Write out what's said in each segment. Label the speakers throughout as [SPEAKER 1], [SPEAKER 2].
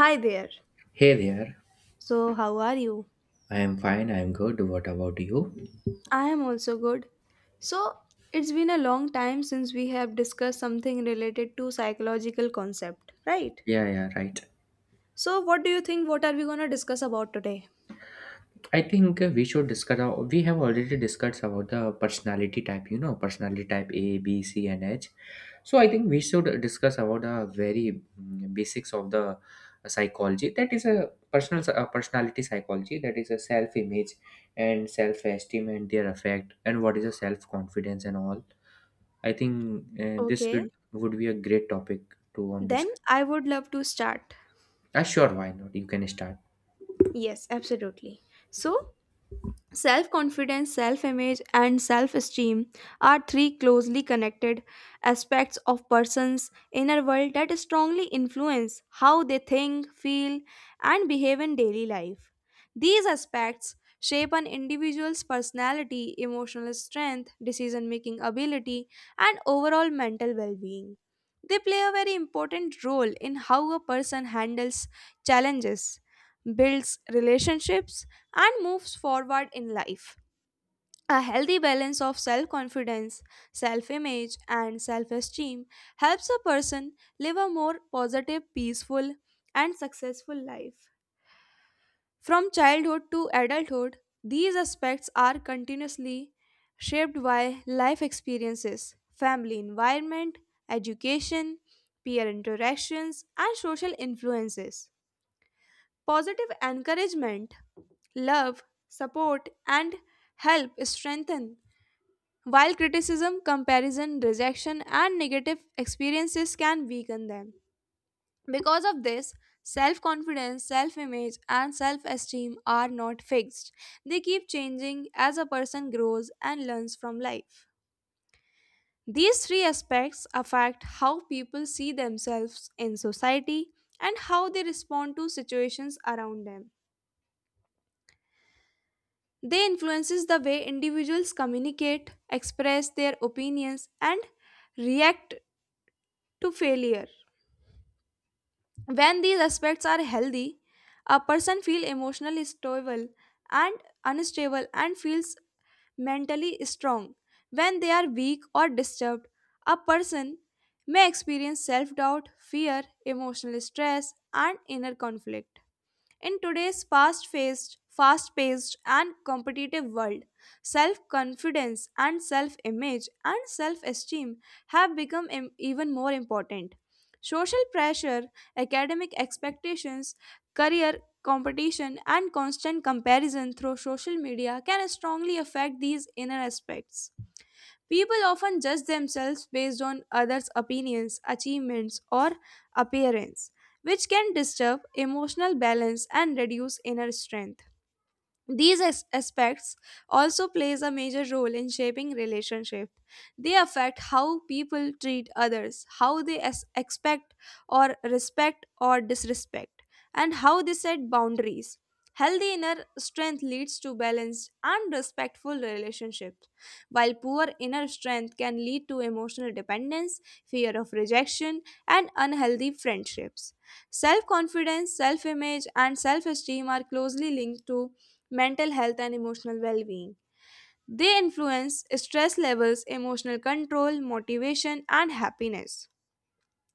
[SPEAKER 1] Hi there.
[SPEAKER 2] Hey there.
[SPEAKER 1] So, how are you?
[SPEAKER 2] I am fine. I am good. What about you?
[SPEAKER 1] I am also good. So, it's been a long time since we have discussed something related to psychological concept, right?
[SPEAKER 2] Yeah, yeah, right.
[SPEAKER 1] So, what do you think what are we going to discuss about today?
[SPEAKER 2] I think we should discuss. We have already discussed about the personality type. You know, personality type A, B, C, and H. So I think we should discuss about the very basics of the psychology. That is a personality psychology. That is a self-image and self-esteem and their effect and what is a self-confidence and all. I think this
[SPEAKER 1] Okay.
[SPEAKER 2] would be a great topic to on
[SPEAKER 1] Then
[SPEAKER 2] discuss.
[SPEAKER 1] I would love to start.
[SPEAKER 2] Sure, why not? You can start.
[SPEAKER 1] Yes, absolutely. So, self confidence, self image, and self esteem are three closely connected aspects of person's inner world that strongly influence how they think, feel, and behave in daily life. These aspects shape an individual's personality, emotional strength, decision making ability, and overall mental well being. They play a very important role in how a person handles challenges, builds relationships, and moves forward in life. A healthy balance of self confidence, self image, and self esteem helps a person live a more positive, peaceful, and successful life. From childhood to adulthood, these aspects are continuously shaped by life experiences, family environment, education, peer interactions, and social influences. Positive encouragement, love, support, and help strengthen, while criticism, comparison, rejection, and negative experiences can weaken them. Because of this, self confidence, self image, and self esteem are not fixed. They keep changing as a person grows and learns from life. These three aspects affect how people see themselves in society and how they respond to situations around them. They influences the way individuals communicate, express their opinions and react to failure. When these aspects are healthy, a person feels emotionally stable and unstable and feels mentally strong. When they are weak or disturbed, a person may experience self doubt, fear, emotional stress, and inner conflict. In today's fast-paced and competitive world, self-confidence and self-image and self-esteem have become even more important. Social pressure, academic expectations, career competition and constant comparison through social media can strongly affect these inner aspects. People often judge themselves based on others' opinions, achievements, or appearance, which can disturb emotional balance and reduce inner strength. These aspects also plays a major role in shaping relationship. They affect how people treat others, how they expect or respect or disrespect, and how they set boundaries. Healthy inner strength leads to balanced and respectful relationships, while poor inner strength can lead to emotional dependence, fear of rejection, and unhealthy friendships. Self confidence, self image, and self esteem are closely linked to mental health, and emotional well being. They influence stress levels, emotional control, motivation, and happiness.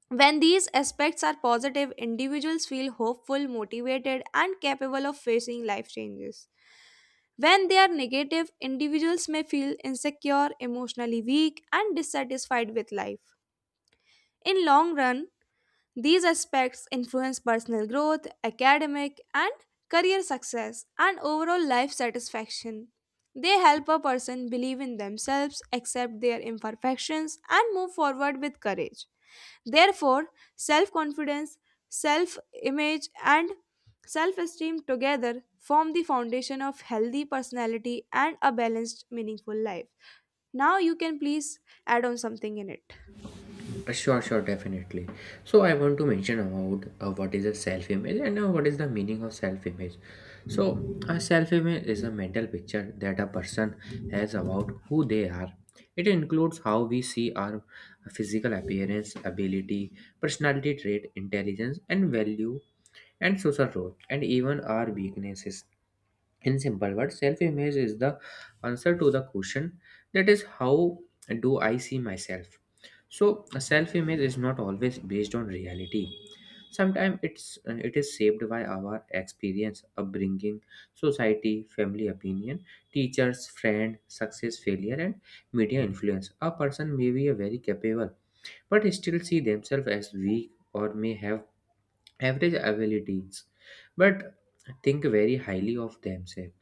[SPEAKER 1] When these aspects are positive, individuals feel hopeful, motivated, and capable of facing life changes. When they are negative, individuals may feel insecure, emotionally weak, and dissatisfied with life. In long run, these aspects influence personal growth, academic and career success, and overall life satisfaction. They help a person believe in themselves, accept their imperfections, and move forward with courage. Therefore, self confidence, self image, and self esteem together form the foundation of healthy personality and a balanced, meaningful life. Now, you can please add on something in it.
[SPEAKER 2] Sure, sure, definitely. So I want to mention about what is a self-image and what is the meaning of self-image. So a self-image is a mental picture that a person has about who they are. It includes how we see our physical appearance, ability, personality trait, intelligence, and value, and social role, and even our weaknesses. In simple words, self image is the answer to the question, that is, how do I see myself? So, self image is not always based on reality. Sometimes it is shaped by our experience, upbringing, society, family opinion, teachers, friend, success, failure, and media influence. A person may be a very capable, but still see themselves as weak, or may have average abilities, but think very highly of themselves.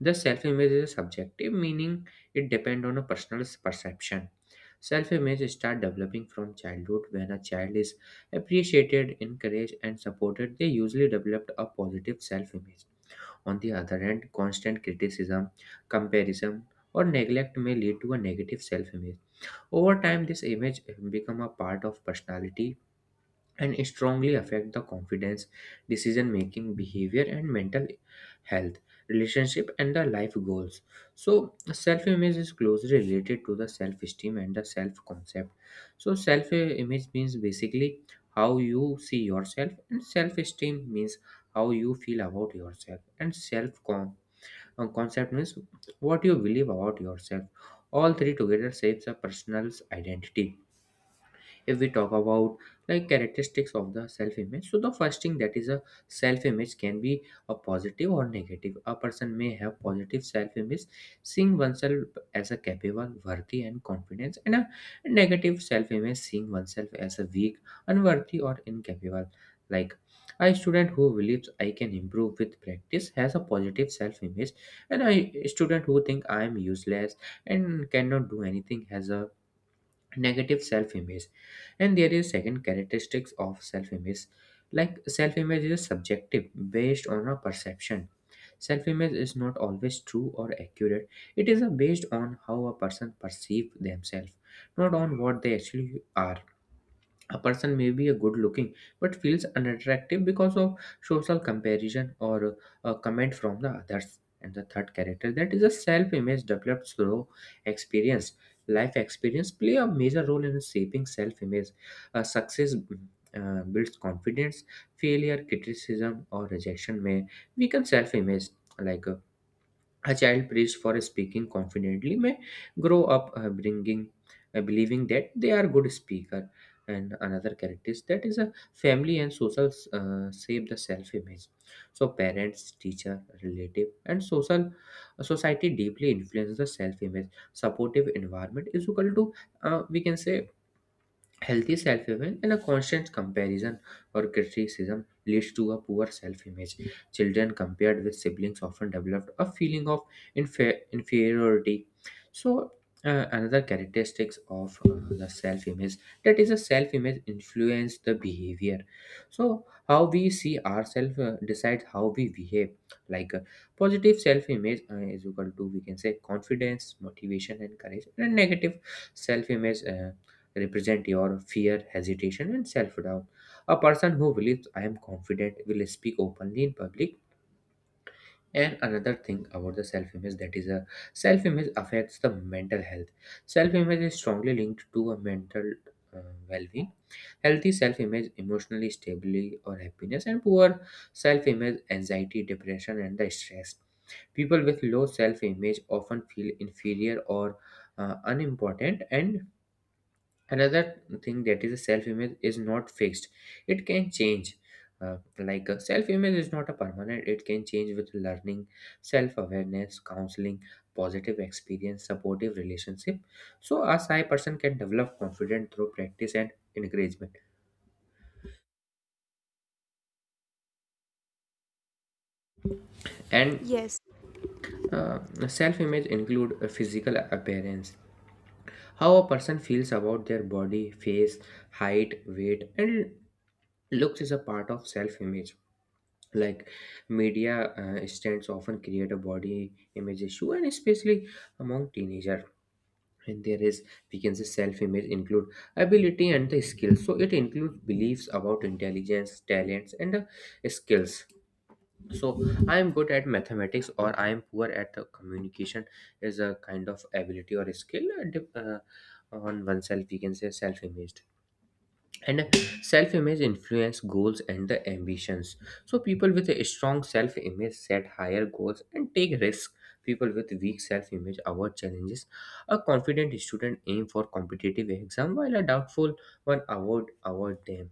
[SPEAKER 2] The self image is a subjective, meaning it depends on a person's perception. Self image start developing from childhood. When a child is appreciated, encouraged, and supported, they usually develop a positive self image. On the other hand, constant criticism, comparison, or neglect may lead to a negative self image. Over time, this image become a part of personality and strongly affect the confidence, decision making, behavior, and mental health, relationship, and the life goals. So, self image is closely related to the self esteem and the self concept. So, self image means basically how you see yourself, and self esteem means how you feel about yourself, and self concept means what you believe about yourself. All three together shapes a person's identity. If we talk about like characteristics of the self image, so the first thing, that is a self image, can be a positive or negative. A person may have positive self image, seeing oneself as a capable, worthy, and confident, and a negative self image, seeing oneself as a weak, unworthy, or incapable. Like a student who believes I can improve with practice has a positive self image, and a student who think I am useless and cannot do anything has a negative self-image. And there is second characteristics of self-image, like self-image is subjective, based on a perception. Self-image is not always true or accurate. It is based on how a person perceives themselves, not on what they actually are. A person may be a good looking but feels unattractive because of social comparison or a comment from the others. And the third character, that is a self image developed through experience. Life experience play a major role in shaping self image. Success builds confidence. Failure, criticism, or rejection may weaken self image. Like a child praised for speaking confidently may grow up bringing believing that they are good speaker. And another characteristic, that is a family and social shape the self image. So parents, teacher, relative, and social society deeply influence the self image. Supportive environment is equal to, we can say, healthy self image, and a constant comparison or criticism leads to a poor self image. Children compared with siblings often develop a feeling of inferiority. So, another characteristics of the self image, that is a self image influence the behavior. So how we see ourselves decides how we behave. Like positive self image is equal to, we can say, confidence, motivation, and courage, and negative self image, represent your fear, hesitation, and self doubt. A person who believes I am confident will speak openly in public. And another thing about the self image, that is a self image affects the mental health. Self image is strongly linked to a mental uh, well being. Healthy self image, emotionally stability or happiness, and poor self image, anxiety, depression, and the stress. People with low self image often feel inferior or unimportant. And another thing, that is a self image is not fixed, it can change. Like a self image is not a permanent, it can change with learning, self awareness, counseling, positive experience, supportive relationship. So a shy person can develop confidence through practice and encouragement. And
[SPEAKER 1] Yes,
[SPEAKER 2] Uh, self image include a physical appearance. How a person feels about their body, face, height, weight, and looks is a part of self image. Like media stands often create a body image issue, and especially among teenager. And there is, we can say, self image include ability and the skills. So it includes beliefs about intelligence, talents, and the skills. So I am good at mathematics, or I am poor at the communication, is a kind of ability or skill, on oneself, we can say self-image. And self-image influence goals and the ambitions. So people with a strong self-image set higher goals and take risks. People with weak self-image avoid challenges. A confident student aim for competitive exam, while a doubtful one avoid them.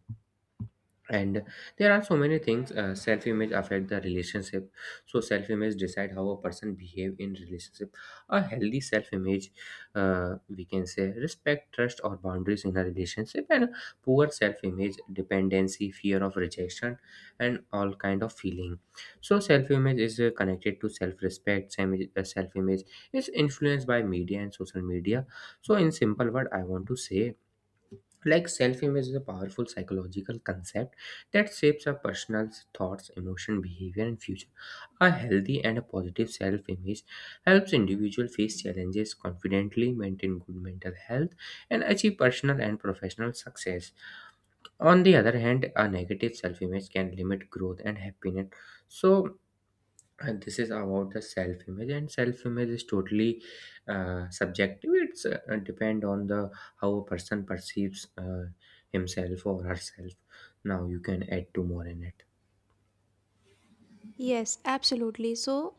[SPEAKER 2] And there are so many things. Self image affect the relationship. So self image decide how a person behave in relationship. A healthy self image, we can say, respect, trust, or boundaries in a relationship, and poor self image, dependency, fear of rejection, and all kind of feeling. So self image is connected to self respect. Self image is influenced by media and social media. So in simple word I want to say, like self image is a powerful psychological concept that shapes our personal thoughts, emotion, behavior, and future. A healthy and a positive self image helps individual face challenges confidently, maintain good mental health, and achieve personal and professional success. On the other hand, a negative self image can limit growth and happiness. So, and this is about the self image, and self image is totally subjective. It's depend on the how a person perceives himself or herself. Now you can add two more in it.
[SPEAKER 1] yes, absolutely. So,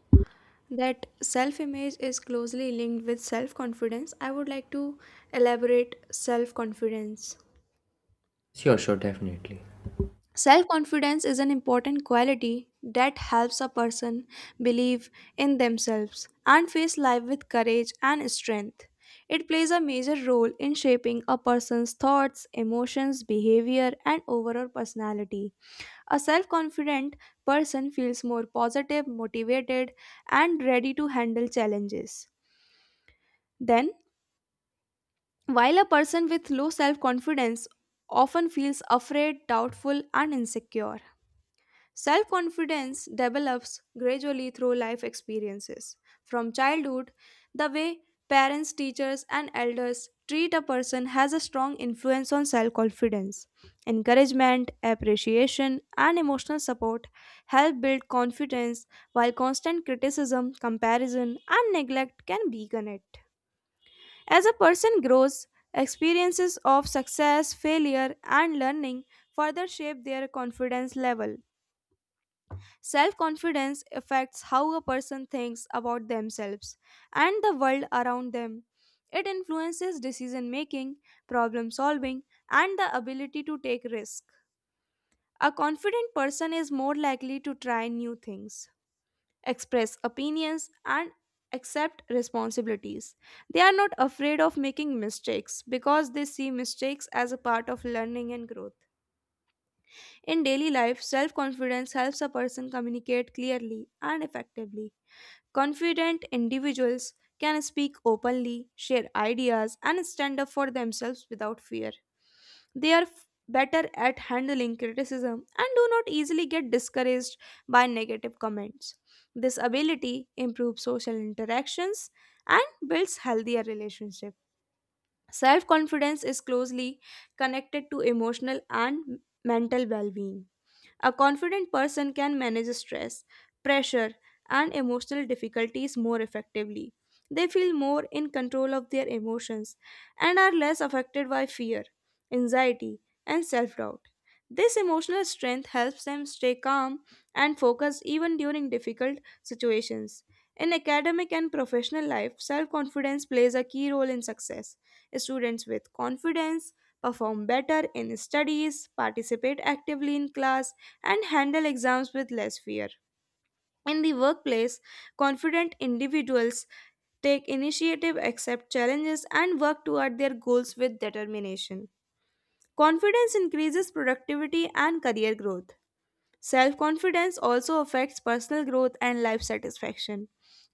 [SPEAKER 1] that self image is closely linked with self confidence, I would like to elaborate self confidence.
[SPEAKER 2] Sure, sure, definitely.
[SPEAKER 1] Self confidence is an important quality that helps a person believe in themselves and face life with courage and strength. It plays a major role in shaping a person's thoughts, emotions, behavior, and overall personality. A self confident person feels more positive, motivated, and ready to handle challenges. Then, while a person with low self confidence often feels afraid, doubtful, and insecure, self confidence develops gradually through life experiences. From childhood, the way parents, teachers, and elders treat a person has a strong influence on self confidence. Encouragement, appreciation, and emotional support help build confidence, while constant criticism, comparison, and neglect can weaken it. As a person grows, experiences of success, failure, and learning further shape their confidence level. Self confidence affects how a person thinks about themselves and the world around them. It influences decision making, problem solving, and the ability to take risks. A confident person is more likely to try new things, express opinions, and accept responsibilities. They are not afraid of making mistakes because they see mistakes as a part of learning and growth. In daily life, self confidence helps a person communicate clearly and effectively. Confident individuals can speak openly, share ideas, and stand up for themselves without fear. They are better at handling criticism and do not easily get discouraged by negative comments. This ability improves social interactions and builds healthier relationships. Self confidence is closely connected to emotional and mental well being. A confident person can manage stress, pressure, and emotional difficulties more effectively. They feel more in control of their emotions and are less affected by fear, anxiety, and self doubt. This emotional strength helps them stay calm and focused even during difficult situations. In academic and professional life, self confidence plays a key role in success. Students with confidence perform better in studies, participate actively in class, and handle exams with less fear. In the workplace, confident individuals take initiative, accept challenges, and work toward their goals with determination. Confidence increases productivity and career growth. Self confidence also affects personal growth and life satisfaction.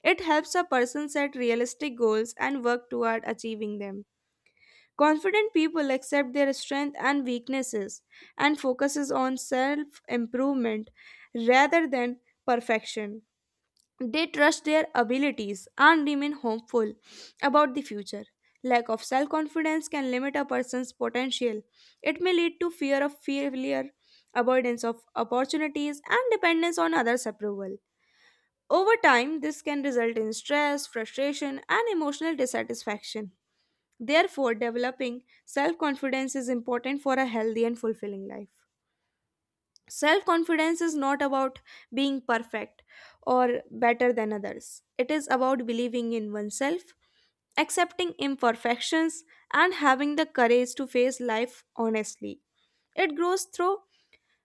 [SPEAKER 1] It helps a person set realistic goals and work toward achieving them. Confident people accept their strengths and weaknesses and focuses on self-improvement rather than perfection. They trust their abilities and remain hopeful about the future. Lack of self-confidence can limit a person's potential. It may lead to fear of failure, avoidance of opportunities, and dependence on others' approval. Over time, this can result in stress, frustration, and emotional dissatisfaction. Therefore, developing self confidence is important for a healthy and fulfilling life. Self confidence is not about being perfect or better than others, it is about believing in oneself, accepting imperfections, and having the courage to face life honestly. It grows through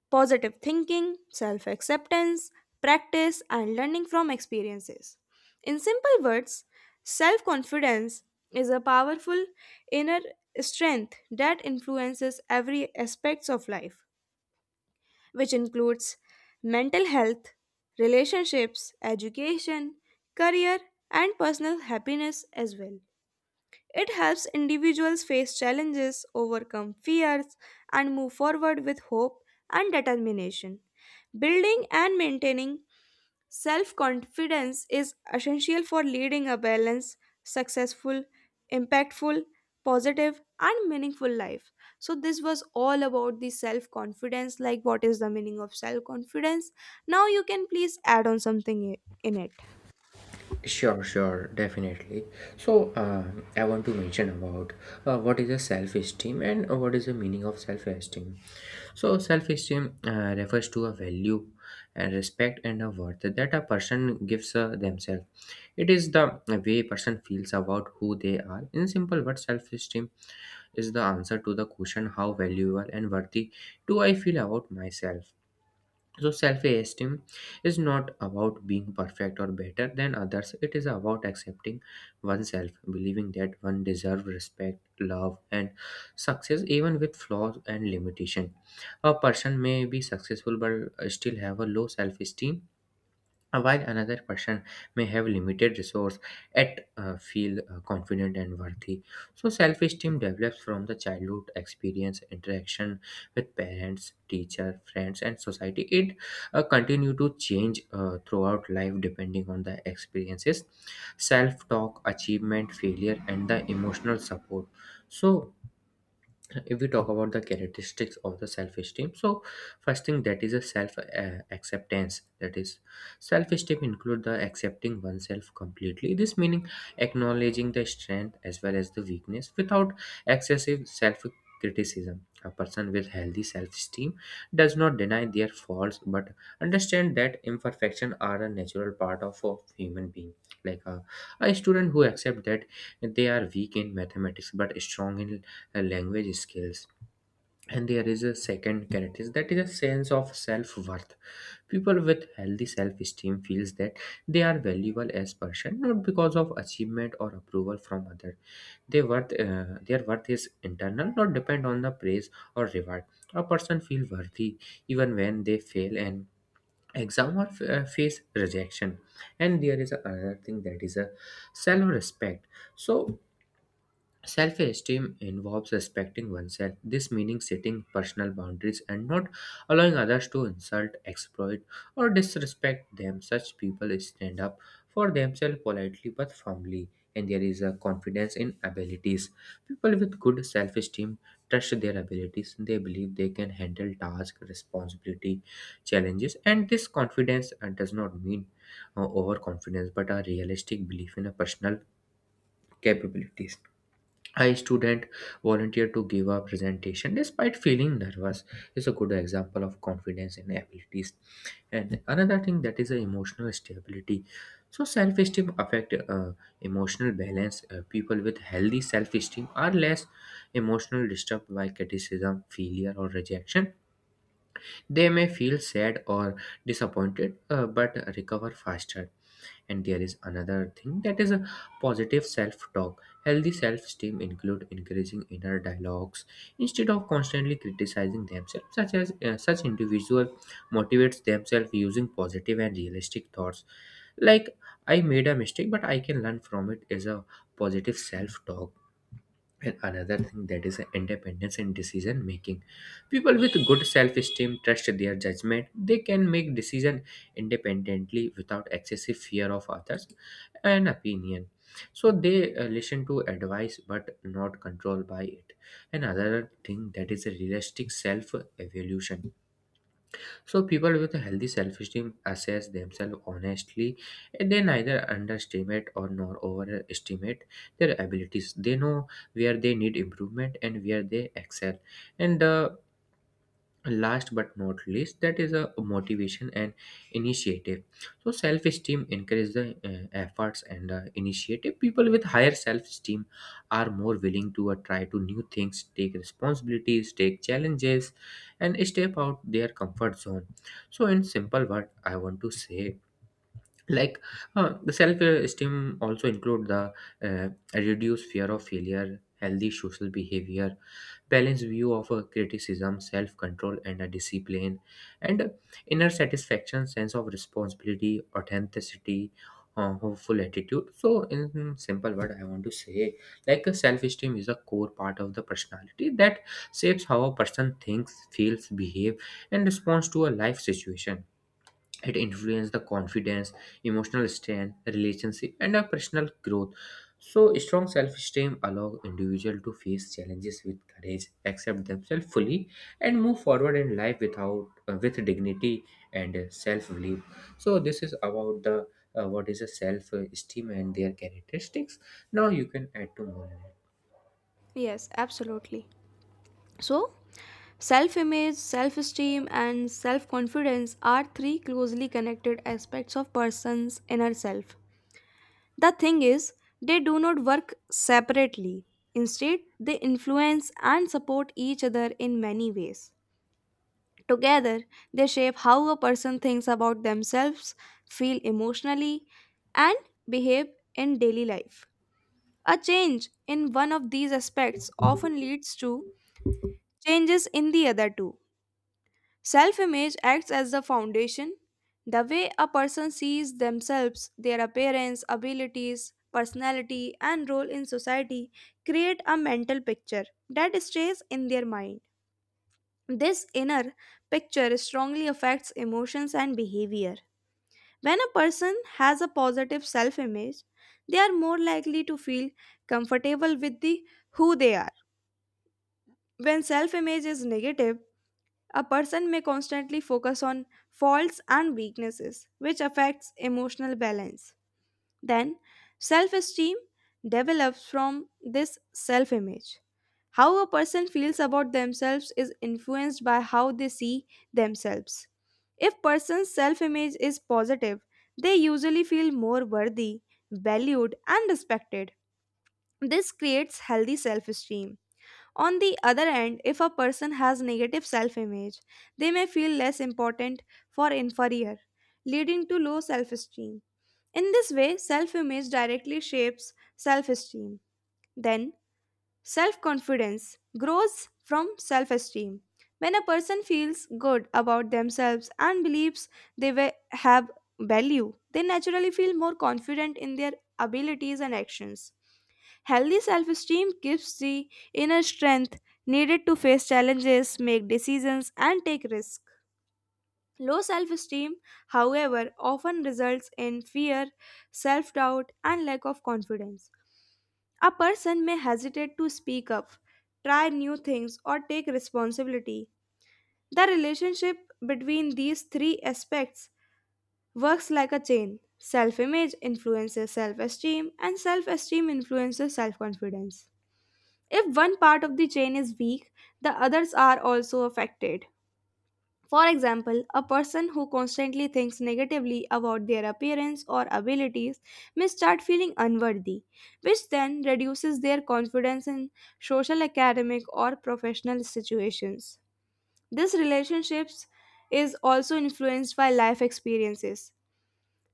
[SPEAKER 1] positive thinking, self acceptance, practice, and learning from experiences. In simple words, self confidence is a powerful inner strength that influences every aspects of life, which includes mental health, relationships, education, career, and personal happiness as well. It helps individuals face challenges, overcome fears, and move forward with hope and determination. Building and maintaining self confidence is essential for leading a balanced, successful, impactful, positive, and meaningful life. So, this was all about the self confidence like, what is the meaning of self confidence? Now, you can please add on something in it.
[SPEAKER 2] Sure, sure, definitely. So, I want to mention about what is a self-esteem and what is the meaning of self-esteem. So, self-esteem refers to a value and respect and a worth that a person gives themselves. It is the way person feels about who they are. In simple words, self-esteem is the answer to the question, how valuable and worthy do I feel about myself. So self-esteem is not about being perfect or better than others. It is about accepting oneself, believing that one deserves respect, love, and success even with flaws and limitation. A person may be successful but still have a low self-esteem, while another person may have limited resource, yet feel confident and worthy. So, self-esteem develops from the childhood experience, interaction with parents, teacher, friends, and society. It continue to change throughout life depending on the experiences, self-talk, achievement, failure, and the emotional support. So, if we talk about the characteristics of the self-esteem, so first thing, that is a self acceptance, that is self-esteem include the accepting oneself completely. This meaning acknowledging the strength as well as the weakness without excessive self criticism. A person with healthy self-esteem does not deny their faults but understand that imperfection are a natural part of a human being. Like a student who accept that they are weak in mathematics but strong in language skills. And there is a second characteristic, that is a sense of self-worth. People with healthy self-esteem feels that they are valuable as person, not because of achievement or approval from others. Their worth their worth is internal, not depend on the praise or reward. A person feel worthy even when they fail an exam, or face rejection. And there is another thing, that is a self respect. So self esteem involves respecting oneself. This meaning setting personal boundaries and not allowing others to insult, exploit, or disrespect them. Such people stand up for themselves politely but firmly, and there is a confidence in abilities. People with good self esteem trust their abilities, they believe they can handle tasks, responsibility, challenges, and this confidence does not mean overconfidence, but a realistic belief in a personal capabilities. A student volunteered to give a presentation despite feeling nervous is a good example of confidence in abilities. And another thing, that is a emotional stability. So self-esteem affect emotional balance. People with healthy self-esteem are less emotional disturbed by criticism, failure, or rejection. They may feel sad or disappointed, but recover faster. And there is another thing, that is a positive self-talk. Healthy self-esteem include encouraging inner dialogues instead of constantly criticizing themselves. Such individual motivates themselves using positive and realistic thoughts, like I made a mistake but I can learn from it, is a positive self-talk. And another thing, that is independence in decision making. People with good self esteem trust their judgment. They can make decision independently without excessive fear of others and opinion. So they listen to advice but not controlled by it. Another thing, that is a realistic self evolution. So people with a healthy self-esteem assess themselves honestly, and they neither underestimate or nor overestimate their abilities. They know where they need improvement and where they excel. And last but not least, that is a motivation and initiative. So self-esteem encourages the efforts and initiative. People with higher self-esteem are more willing to try to new things, take responsibilities, take challenges, and step out their comfort zone. So in simple word I want to say, like the self-esteem also include the uh, reduced fear of failure, healthy social behavior, balanced view of criticism, self-control, and a discipline, and inner satisfaction, sense of responsibility, authenticity, hopeful attitude. So in simple word I want to say, like self-esteem is a core part of the personality that shapes how a person thinks, feels, behave, and responds to a life situation. It influences the confidence, emotional strength, relationship, and our personal growth. So, strong self-esteem allows individual to face challenges with courage, accept themselves fully, and move forward in life without with dignity and self-belief. So, this is about the what is a self-esteem and their characteristics. Now, you can add to more.
[SPEAKER 1] Yes, absolutely. So, self image, self esteem, and self confidence are three closely connected aspects of person's inner self. The thing is, they do not work separately. Instead, they influence and support each other in many ways. Together, they shape how a person thinks about themselves, feel emotionally, and behave in daily life. A change in one of these aspects often leads to changes in the other two. Self image acts as the foundation. The way a person sees themselves, their appearance, abilities, personality, and role in society create a mental picture that stays in their mind. This inner picture strongly affects emotions and behavior. When a person has a positive self image, they are more likely to feel comfortable with the who they are. When self image is negative, a person may constantly focus on faults and weaknesses, which affects emotional balance. Then, self esteem develops from this self image. How a person feels about themselves is influenced by how they see themselves. If person's self image is positive, they usually feel more worthy, valued, and respected. This creates healthy self esteem. On the other hand, if a person has negative self image, they may feel less important or inferior, leading to low self esteem. In this way, self image directly shapes self esteem. Then, self confidence grows from self esteem. When a person feels good about themselves and believes they have value, they naturally feel more confident in their abilities and actions. Healthy self esteem gives the inner strength needed to face challenges, make decisions, and take risks. Low self esteem, however, often results in fear, self doubt, and lack of confidence. A person may hesitate to speak up, try new things, or take responsibility. The relationship between these three aspects works like a chain. Self image influences self esteem, and self esteem influences self confidence. If one part of the chain is weak, the others are also affected. For example, a person who constantly thinks negatively about their appearance or abilities may start feeling unworthy, which then reduces their confidence in social, academic, or professional situations. This relationships is also influenced by life experiences.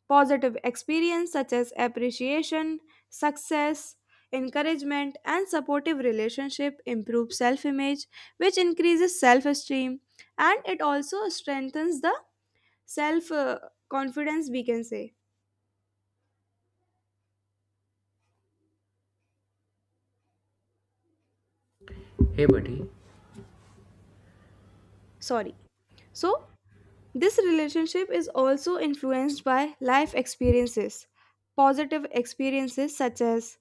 [SPEAKER 1] Positive experience such as appreciation, success, encouragement, and supportive relationship improve self-image, which increases self-esteem, and it also strengthens the self confidence we can say.
[SPEAKER 2] Hey, buddy.
[SPEAKER 1] Sorry, so this relationship is also influenced by life experiences. Positive experiences such as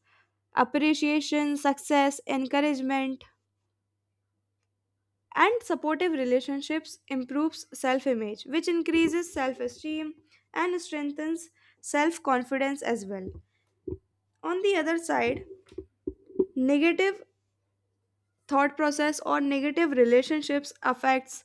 [SPEAKER 1] appreciation, success, encouragement, and supportive relationships improves self-image, which increases self-esteem and strengthens self-confidence as well. On the other side, negative thought process or negative relationships affects